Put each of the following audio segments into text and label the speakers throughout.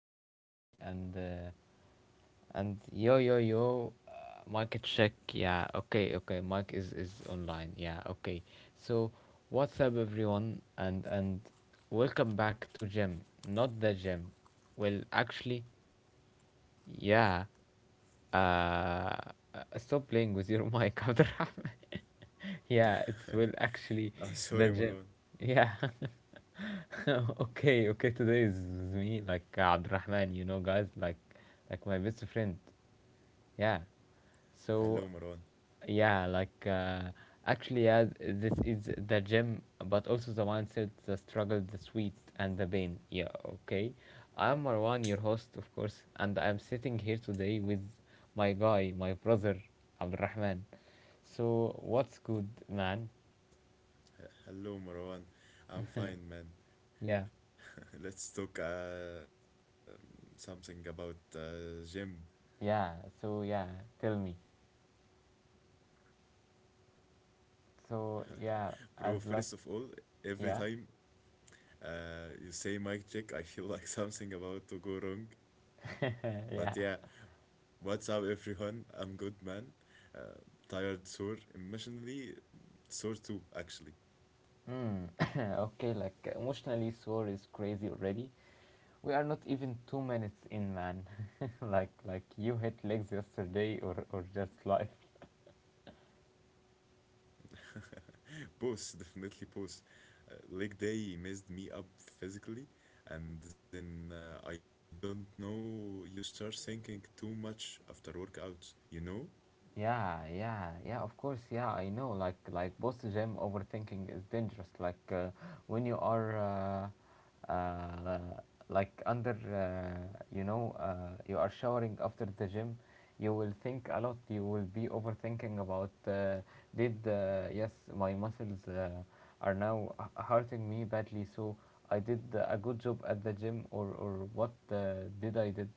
Speaker 1: everybody and yo yo yo, mic check, yeah, okay, okay, mic is online, yeah, okay, so what's up everyone and welcome back to gym, not the gym. Well, actually, yeah. uh Stop playing with your mic, Abdurrahman. Yeah, it will actually. The gym.
Speaker 2: Sorry, Marwan.
Speaker 1: Yeah. Okay, okay. Today is with me, like, Abdurrahman, you know, guys, like my best friend. Yeah. So
Speaker 2: Hello, Marwan.
Speaker 1: yeah, actually, yeah, this is the gym, but also the mindset, the struggle, the sweet, and the pain. Yeah, okay. I'm Marwan, your host, of course, and I'm sitting here today with my guy, my brother, Abdurrahman. So, what's good, man?
Speaker 2: Hello, Marwan. I'm fine, man.
Speaker 1: Yeah,
Speaker 2: Let's talk something about gym.
Speaker 1: yeah. So yeah, tell me. So yeah,
Speaker 2: Bro,
Speaker 1: as
Speaker 2: first of
Speaker 1: luck,
Speaker 2: all, every
Speaker 1: yeah,
Speaker 2: time you say mic check, I feel like something about to go wrong.
Speaker 1: yeah.
Speaker 2: But yeah, what's up, everyone? I'm good, man. Uh, Tired, sore, emotionally sore too, actually.
Speaker 1: Mm. Okay, like emotionally sore is crazy already. We are not even 2 minutes in, man. Like you hit legs yesterday, or just life.
Speaker 2: Both definitely both, leg day messed me up physically. And then I don't know, you start thinking too much after workouts, you know
Speaker 1: Yeah, yeah, yeah, of course, yeah, I know. Like post gym overthinking is dangerous. Like, when you are, uh, uh, like under, you know, you are showering after the gym, you will think a lot. You will be overthinking about, did, yes, my muscles, are now hurting me badly. So I did a good job at the gym, or what uh, did I did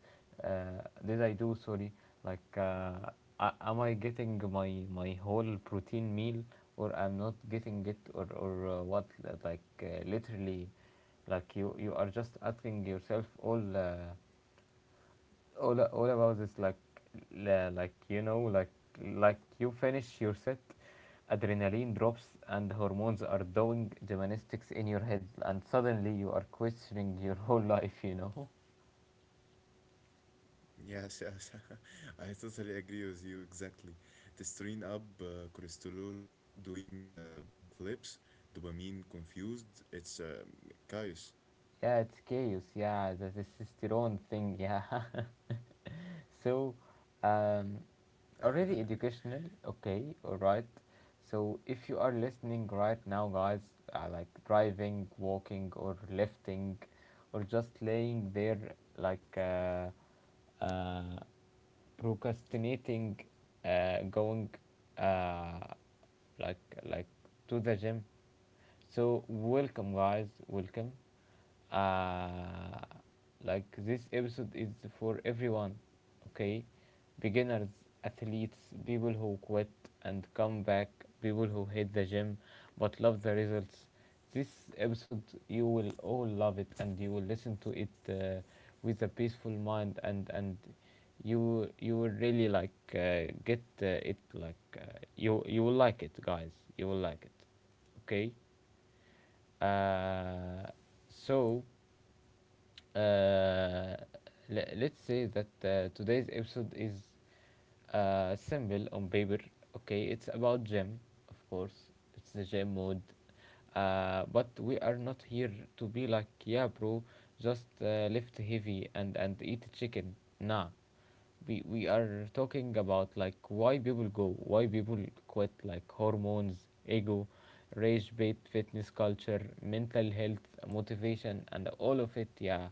Speaker 1: uh, did I do? Sorry, like uh, am I getting my whole protein meal, or I'm not getting it, or what? Like, literally, like you are just asking yourself all. All about this, like like you know, like you finish your set, adrenaline drops and hormones are doing gymnastics in your head, and suddenly you are questioning your whole life, you know.
Speaker 2: yes yes I totally agree with you exactly. The strain up, cholesterol doing backflips, dopamine confused, it's chaos.
Speaker 1: Yeah, it's chaos, yeah, the testosterone thing, yeah. So, um, already educational. Okay, all right. So if you are listening right now guys, like driving, walking, or lifting, or just laying there, like uh, uh, procrastinating, going uh, like like to the gym, so welcome, guys. Welcome. Uh, like, this episode is for everyone. Okay, beginners, athletes, people who quit and come back, people who hate the gym but love the results. This episode, you will all love it, and you will listen to it, with a peaceful mind, and you will really like, get, it, like, you, you will like it, guys. You will like it. Okay. Uh, so, uh, let's say that, today's episode is, simple on paper. Okay, it's about gym, of course. It's the gym mode. But we are not here to be like, yeah, bro, just, lift heavy and, eat chicken. Nah, we are talking about like why people go, why people quit, like hormones, ego, rage bait, fitness culture, mental health, motivation, and all of it. Yeah,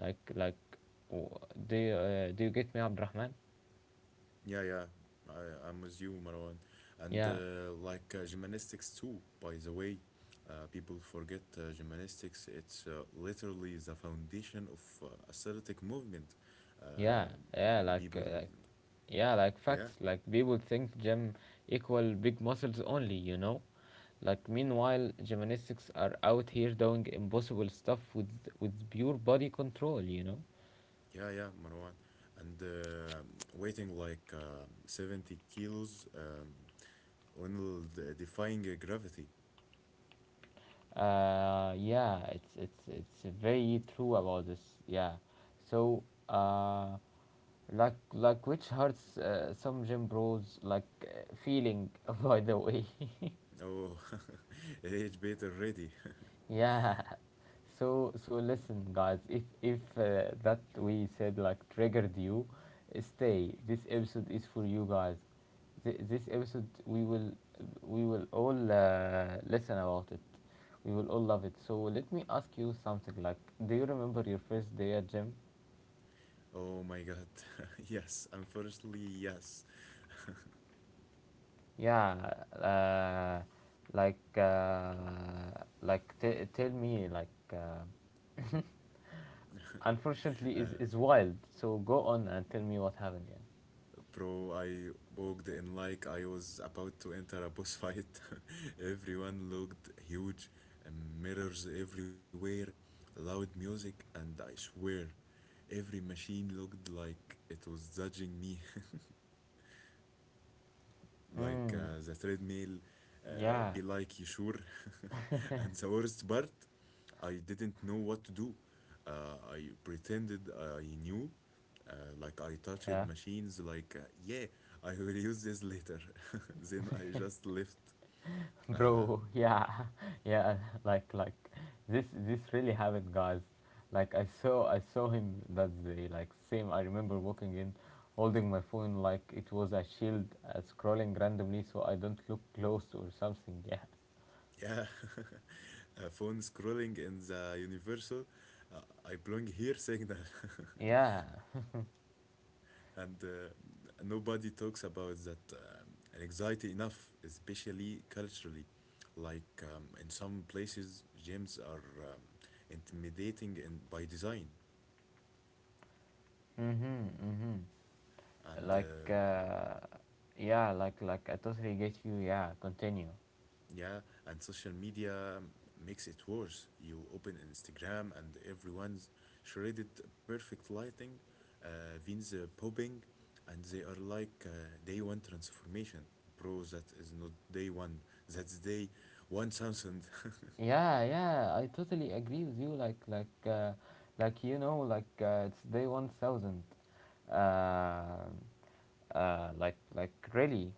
Speaker 1: like, w- do you get me, Abdurrahman?
Speaker 2: Yeah, yeah. I'm with you, Marwan. And
Speaker 1: Yeah,
Speaker 2: like gymnastics too, by the way. Uh, people forget gymnastics. It's literally the foundation of athletic movement.
Speaker 1: yeah,
Speaker 2: Um,
Speaker 1: yeah. Like,
Speaker 2: people,
Speaker 1: yeah, like
Speaker 2: yeah,
Speaker 1: facts. Like people think gym equal big muscles only. You know. Like meanwhile, gymnastics are out here doing impossible stuff with pure body control, you know.
Speaker 2: yeah, yeah, Marwan. And weighing like 70 kilos, when will defying gravity.
Speaker 1: Yeah, it's very true about this. Yeah, so, which hurts, some gym bros like, feeling, by the way.
Speaker 2: Oh, age bait already.
Speaker 1: Yeah. So so listen, guys. If, that we said like triggered you, stay. This episode is for you guys. This episode we will, all, listen about it. We will all love it. So let me ask you something. Like, do you remember your first day at gym?
Speaker 2: Oh my God. Yes, unfortunately, yes.
Speaker 1: Yeah. Uh, like, tell me like.
Speaker 2: Uh,
Speaker 1: Unfortunately, is wild. So go on and tell me what happened. Yeah.
Speaker 2: Bro, I walked in like I was about to enter a boss fight. Everyone looked huge, and mirrors everywhere, loud music, and I swear, every machine looked like it was judging me. Like
Speaker 1: Mm,
Speaker 2: the treadmill uh,
Speaker 1: yeah,
Speaker 2: be like, you sure? And the worst part, I didn't know what to do. I pretended I knew. uh, like, I
Speaker 1: yeah,
Speaker 2: touched machines like, yeah, I will use this later. Then I just left. uh,
Speaker 1: bro, yeah, yeah, like, this really happened, guys. Like, I saw him that day, like, same. I remember walking in, holding my phone like it was a shield, scrolling randomly so I don't look close or something. Yeah,
Speaker 2: yeah. Phone scrolling in the universal, I belong here signal.
Speaker 1: yeah,
Speaker 2: And nobody talks about that anxiety enough, especially culturally. Like, in some places, gyms are um, intimidating in, by design,
Speaker 1: mhm, mhm.
Speaker 2: and
Speaker 1: Like, yeah, like, I totally get you. Yeah, continue.
Speaker 2: yeah, and social media makes it worse. You open Instagram, and everyone's shredded, perfect lighting, veins popping, and they are like, day one transformation. Bro, that is not day one. That's day 1,000.
Speaker 1: Yeah, yeah, I totally agree with you. Like you know, like, it's day 1,000. Uh, like really,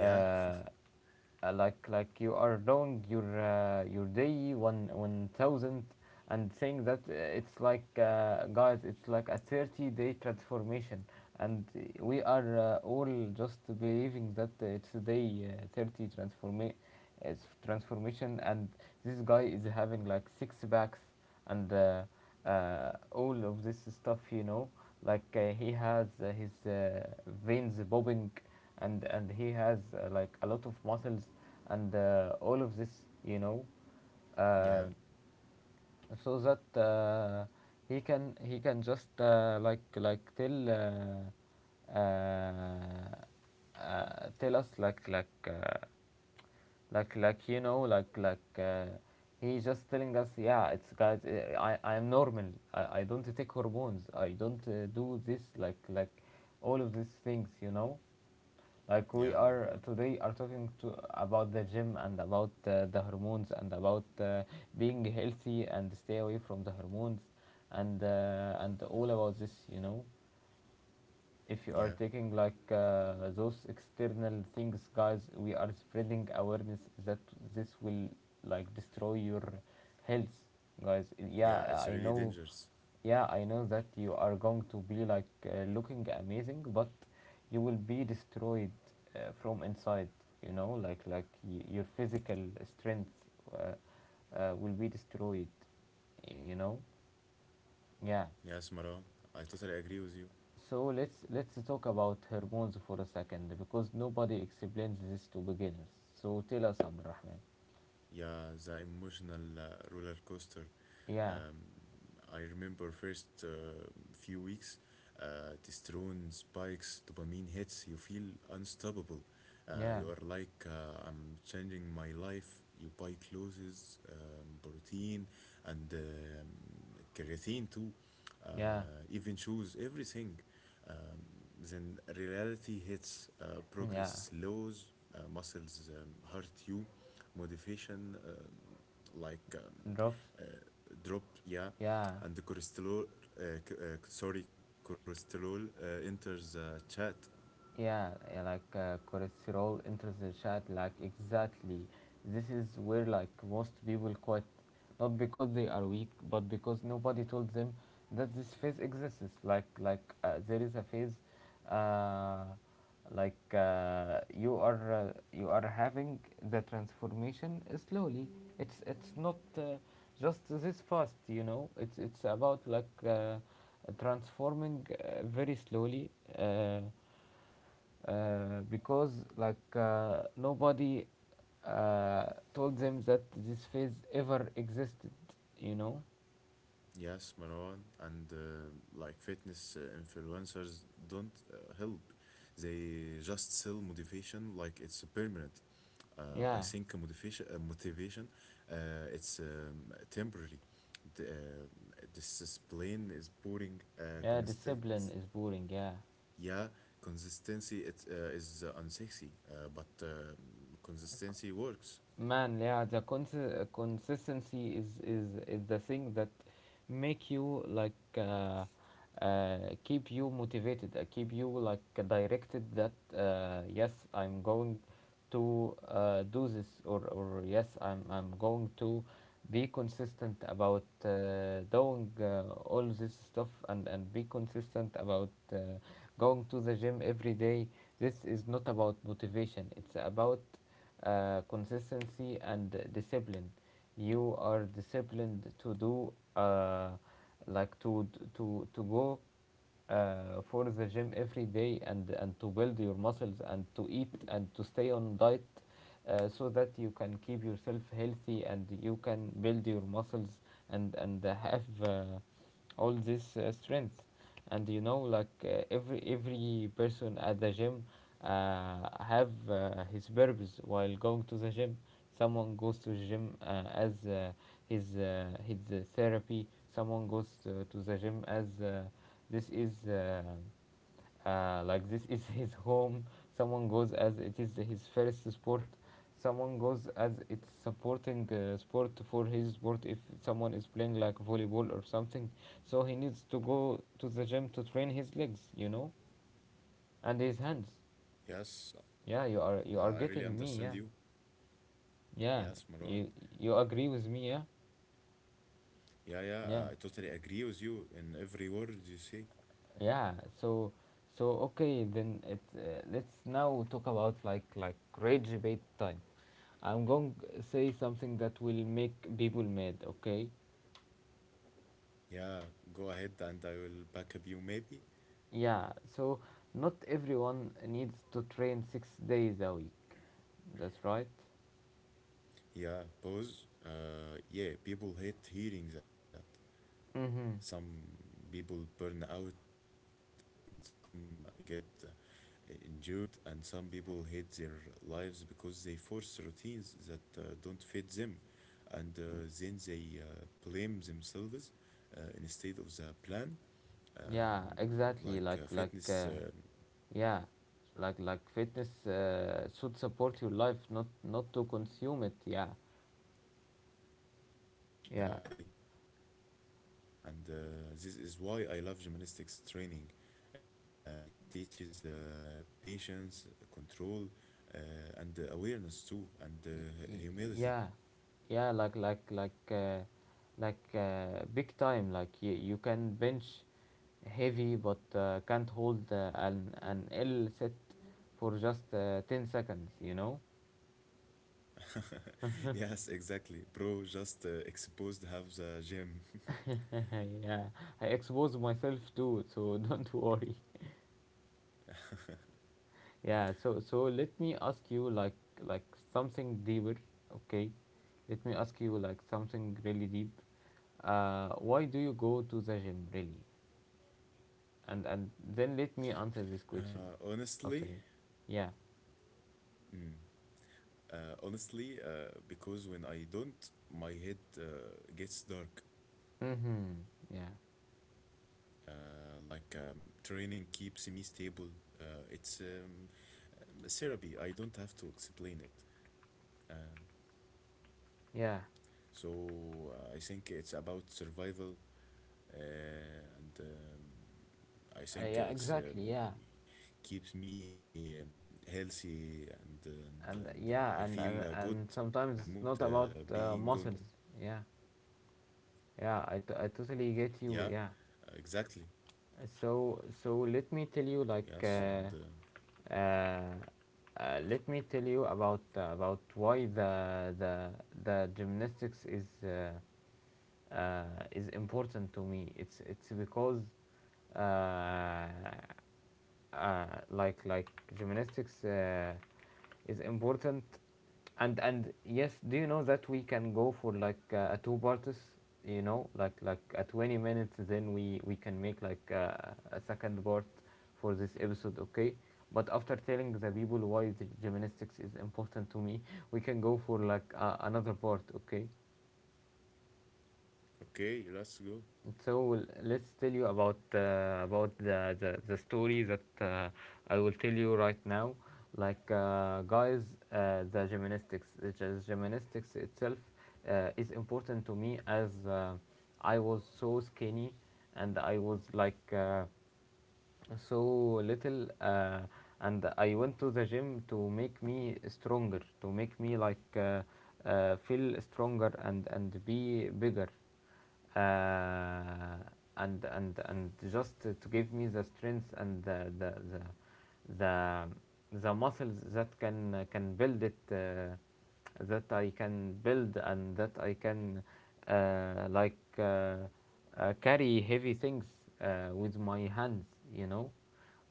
Speaker 2: Yeah,
Speaker 1: like you are doing your, your day 1 1,000 and saying that, it's like, guys, it's like a 30-day transformation, and, we are, all just believing that it's a day, 30 it's transformation, and this guy is having like six packs, and all of this stuff, you know, like, he has, his, veins bobbing, and he has, like a lot of muscles, and, all of this, you know, uh,
Speaker 2: yeah,
Speaker 1: so that, he can just, like tell. Tell us like, you know, he's just telling us, yeah, it's guys, I'm normal. I don't take hormones. I don't, do this, like all of these things, you know. Like, we
Speaker 2: yeah,
Speaker 1: are
Speaker 2: Maran.
Speaker 1: today are talking to about the gym, and about, the hormones, and about, being healthy and stay away from the hormones, and all about this, you know. If
Speaker 2: Yeah,
Speaker 1: you are taking like, those external things, guys, we are spreading awareness that this will like destroy your health, guys.
Speaker 2: yeah, it's
Speaker 1: Yeah, I
Speaker 2: really
Speaker 1: know.
Speaker 2: dangerous.
Speaker 1: Yeah, I know that you are going to be like, looking amazing, but you will be destroyed, from inside, you know, your physical strength, uh, will be destroyed, you know. Yeah.
Speaker 2: Yes, Maran, I totally agree with you.
Speaker 1: So let's, talk about hormones for a second, because nobody explains this to beginners. So tell us, Abdurrahman.
Speaker 2: Yeah, the emotional roller coaster.
Speaker 1: Yeah,
Speaker 2: Um, I remember first, few weeks, testosterone spikes, dopamine hits. You feel unstoppable.
Speaker 1: yeah,
Speaker 2: You are like, I'm changing my life. You buy clothes, protein, and creatine too.
Speaker 1: yeah,
Speaker 2: Even shoes, everything. Um, then reality hits.
Speaker 1: yeah.
Speaker 2: Progress slows. Muscles hurt you, modification,
Speaker 1: Drops.
Speaker 2: uh, drop, yeah.
Speaker 1: Yeah.
Speaker 2: And the cholesterol, uh, sorry, cholesterol enters the chat.
Speaker 1: Yeah, yeah, like, cholesterol enters the chat. Like exactly, this is where like most people quit, not because they are weak, but because nobody told them that this phase exists. Like, there is a phase, uh, like, you are having the transformation slowly. It's not, just this fast, you know. It's about like, transforming, very slowly. Uh, because like, nobody, uh, told them that this phase ever existed, you know.
Speaker 2: Yes, Marwan. And like, fitness influencers don't help. They just sell motivation like it's permanent. Uh, I
Speaker 1: Yeah.
Speaker 2: think motivation uh, it's temporary. The, uh, this is is boring,
Speaker 1: Yeah,
Speaker 2: constant.
Speaker 1: discipline is boring, yeah.
Speaker 2: Yeah, consistency it is unsexy, but consistency works.
Speaker 1: Man, yeah, the consistency is, is the thing that make you like, uh, keep you motivated, keep you like directed, that, yes, I'm going to, do this, or yes, I'm going to be consistent about, doing, all this stuff, and, be consistent about, going to the gym every day. This is not about motivation, it's about, consistency and discipline. You are disciplined to do, like to go, for the gym every day, and to build your muscles, and to eat, and to stay on diet, so that you can keep yourself healthy, and you can build your muscles, and have, all this, strength. And you know, like, every person at the gym, have, his purpose while going to the gym. Someone goes to the gym, as, his, therapy. Someone goes to the gym as, this is like, this is his home. Someone goes as it is his first sport. Someone goes as it's supporting, sport for his sport, if someone is playing like volleyball or something, so he needs to go to the gym to train his legs, you know, and his hands.
Speaker 2: Yes,
Speaker 1: Yeah. you
Speaker 2: I
Speaker 1: are
Speaker 2: really
Speaker 1: you are
Speaker 2: understand
Speaker 1: getting
Speaker 2: you.
Speaker 1: me, yeah.
Speaker 2: Yes,
Speaker 1: Yeah,
Speaker 2: Marwan.
Speaker 1: you, agree with me, yeah.
Speaker 2: Yeah, yeah, I
Speaker 1: Yeah,
Speaker 2: totally agree with you in every word you say.
Speaker 1: yeah. So, so okay, then it, let's now talk about, rage bait time. I'm going to say something that will make people mad, okay?
Speaker 2: Yeah, go ahead and I will back up you maybe.
Speaker 1: Yeah, so not everyone needs to train 6 days a week. That's right.
Speaker 2: Yeah, pause. Yeah, people hate hearing that.
Speaker 1: Mm-hmm.
Speaker 2: Some people burn out, and some get injured, and some people hate their lives because they force routines that don't fit them, and then they blame themselves instead of the plan. Um,
Speaker 1: Yeah,
Speaker 2: like uh,
Speaker 1: exactly.
Speaker 2: fitness, um,
Speaker 1: Like, yeah, like fitness, should support your life, not to consume it. Yeah,
Speaker 2: yeah, really.
Speaker 1: yeah.
Speaker 2: And this is why I love gymnastics training. It teaches patience, control, uh, and awareness too, and humility.
Speaker 1: Y- yeah, yeah, like, like, big time, like you can bench heavy, but, can't hold, an L set for just, 10 seconds, you know.
Speaker 2: Yes, exactly. Bro, just exposed half the gym.
Speaker 1: Yeah, I expose myself too, so don't worry. Yeah, so so let me ask you like something deeper. Okay, let me ask you like something really deep. Uh, why do you go to the gym, really? And
Speaker 2: Uh,
Speaker 1: then let me
Speaker 2: honestly,
Speaker 1: answer this question after you. Yeah.
Speaker 2: mm, Honestly, because when I don't, my head gets dark.
Speaker 1: Mm-hmm. Yeah.
Speaker 2: Uh, like, training keeps me stable. It's therapy. I don't have to explain it. Um,
Speaker 1: Yeah.
Speaker 2: So I think it's about survival, and I think it's
Speaker 1: Yeah.
Speaker 2: keeps
Speaker 1: Exactly. Yeah.
Speaker 2: me healthy and I feel good.
Speaker 1: And,
Speaker 2: My mood
Speaker 1: yeah. And,
Speaker 2: being
Speaker 1: and
Speaker 2: good.
Speaker 1: sometimes it's not about, muscles. Yeah.
Speaker 2: Yeah,
Speaker 1: Yeah. I, t- I
Speaker 2: exactly.
Speaker 1: totally get you. Yeah.
Speaker 2: Yes,
Speaker 1: So
Speaker 2: and
Speaker 1: let me tell you uh, let me tell you about why the gymnastics is important to me. It's because uh, uh, like like gymnastics is important, and yes, do you know that we can go for a two parts? You know, like a 20 minutes, then we can make a second part for this episode, okay? But after telling the people why the gymnastics is important to me, we can go for another part, okay?
Speaker 2: okay, let's go.
Speaker 1: So let's tell you about the story that I will tell you right now. Guys, the gymnastics itself is important to me as I was so skinny and I was, like, so little, and I went to the gym to make me stronger, to make me feel stronger and be bigger, uh, and just to give me the strength and the, the muscles that can build it, that I can build and that I can uh, like uh, carry heavy things with my hands, you know,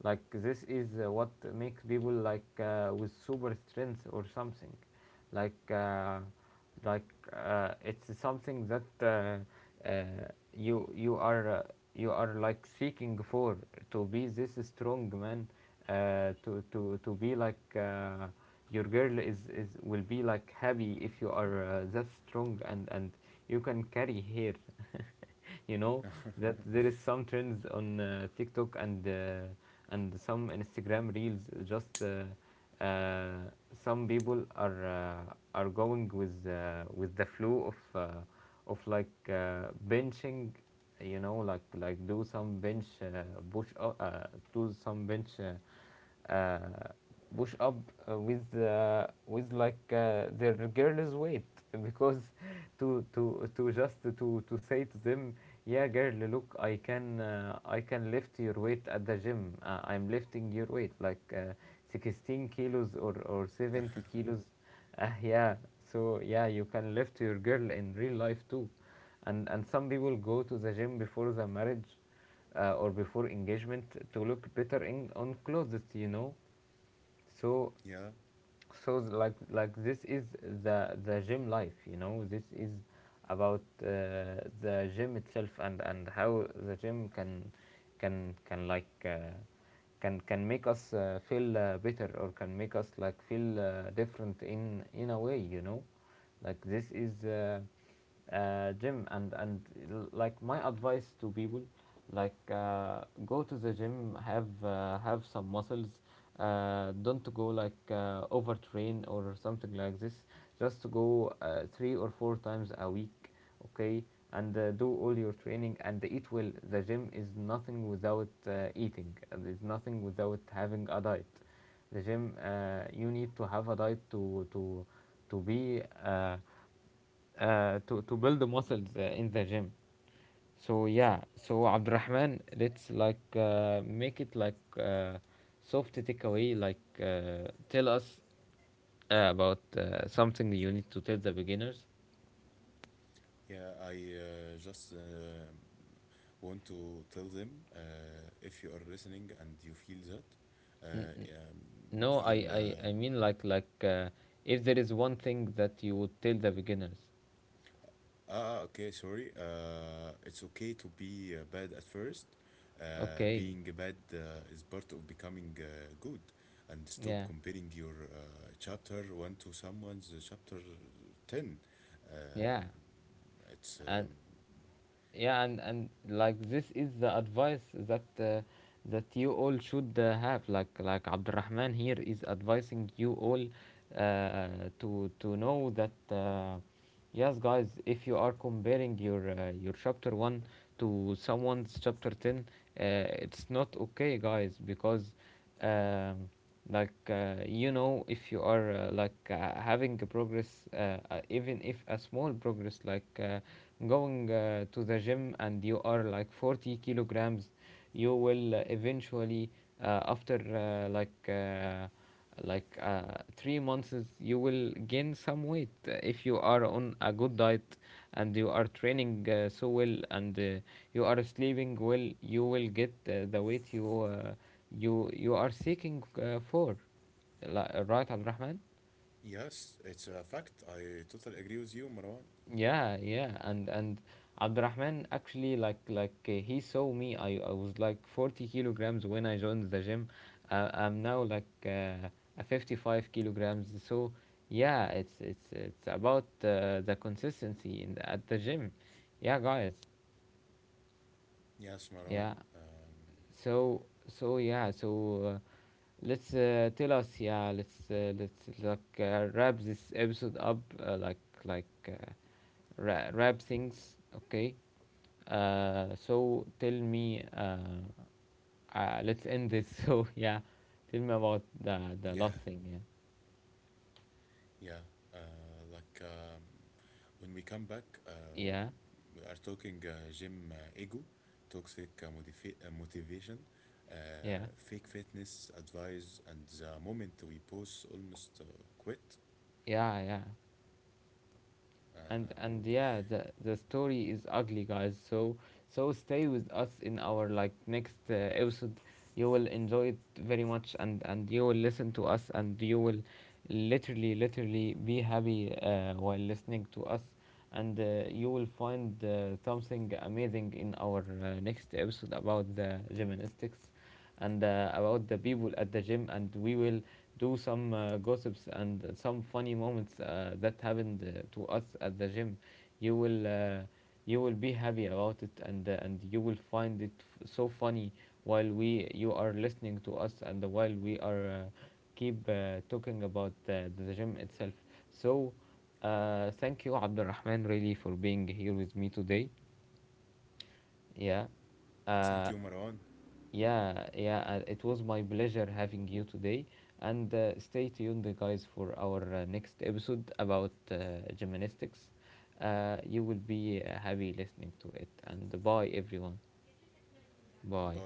Speaker 1: like this is what makes people with super strength or something like uh, like it's something that you you are like seeking for, to be this strong man, to be your girl is will be like happy if you are that strong, and you can carry her, you know, that there is some trends on TikTok, and some Instagram reels. Just uh, some people are going with the flow of benching, you know, like do some bench push up, do some bench uh, push up with their girl's weight, because to just to say to them, yeah girl, look, I can, I can lift your weight at the gym. Uh, I'm lifting your weight like 16 kilos, or 70 kilos. Uh, yeah. So yeah, you can lift your girl in real life too. And some people go to the gym before the marriage, or before engagement, to look better in on clothes, you know. so
Speaker 2: Yeah,
Speaker 1: so like like this is the the gym life, you know. This is about the gym itself, and how the gym can like can make us feel better, or can make us like feel different in a way, you know. This is gym, and my advice to people: go to the gym, have some muscles. Don't go overtrain or something like this. Just to go three or four times a week, okay. And do all your training and eat well. The gym is nothing without eating, and it's nothing without having a diet. The gym, you need to have a diet to be to build the muscles in the gym. So yeah, so Abdurrahman, let's make it soft takeaway. Tell us about something you need to tell the beginners.
Speaker 2: yeah. I just want to tell them, if you are listening and you feel that,
Speaker 1: N-
Speaker 2: uh, um,
Speaker 1: no, I,
Speaker 2: feel.
Speaker 1: I
Speaker 2: Uh,
Speaker 1: I mean if there is one thing that you would tell the beginners.
Speaker 2: Okay, sorry. It's okay to be bad at first.
Speaker 1: Okay,
Speaker 2: Being bad is part of becoming good. And stop
Speaker 1: yeah,
Speaker 2: comparing your chapter 1 to someone's chapter 10. Um
Speaker 1: yeah,
Speaker 2: it's,
Speaker 1: and
Speaker 2: um,
Speaker 1: yeah, and this is the advice that that you all should have. Like Abdurrahman here is advising you all uh, to know that yes guys, if you are comparing your, your chapter 1 to someone's chapter 10, it's not okay guys, because, um, you know, if you are having a progress, even if a small progress, going to the gym and you are like 40 kilograms, you will eventually, after 3 months, you will gain some weight, if you are on a good diet and you are training so well, and you are sleeping well, you will get the weight you you are seeking for. Li- right al
Speaker 2: yes, it's a fact. I totally agree with you, Marwan.
Speaker 1: Yeah, yeah, and Abdurrahman actually he saw me. I was like 40 kilograms when I joined the gym. I'm now a 55 kilograms. So yeah, it's about the consistency in the, at the gym. Yeah, guys.
Speaker 2: Yes, Marwan.
Speaker 1: Yeah.
Speaker 2: Um,
Speaker 1: So yeah. Let's tell us. Yeah. Let's wrap this episode up. Like uh, Wrap things. Okay. So tell me, let's end this. So yeah, tell me about
Speaker 2: yeah,
Speaker 1: the last thing.
Speaker 2: yeah, uh, like, when we come back, we
Speaker 1: Yeah,
Speaker 2: are talking gym, ego, toxic motivation, uh, fake
Speaker 1: yeah, yeah,
Speaker 2: fitness advice, and the moment we pause, almost quit.
Speaker 1: yeah, yeah.
Speaker 2: Um,
Speaker 1: And yeah, the story is ugly guys, so so stay with us in our like next episode. You will enjoy it very much, and you will listen to us and you will literally be happy while listening to us. And you will find something amazing in our next episode about the gymnastics, and about the people at the gym. And we will do some gossips, and some funny moments that happened to us at the gym. You will you will be happy about it, and you will find it so funny while we you are listening to us, and while we are keep talking about the gym itself. So thank you Abdulrahman, really for being here with me today.
Speaker 2: Thank
Speaker 1: Yeah.
Speaker 2: you, Marwan.
Speaker 1: Uh, yeah, yeah, it was my pleasure having you today. And stay tuned, guys, for our next episode about gymnastics. You will be happy listening to it. And bye, everyone.
Speaker 2: Bye.
Speaker 1: Bye.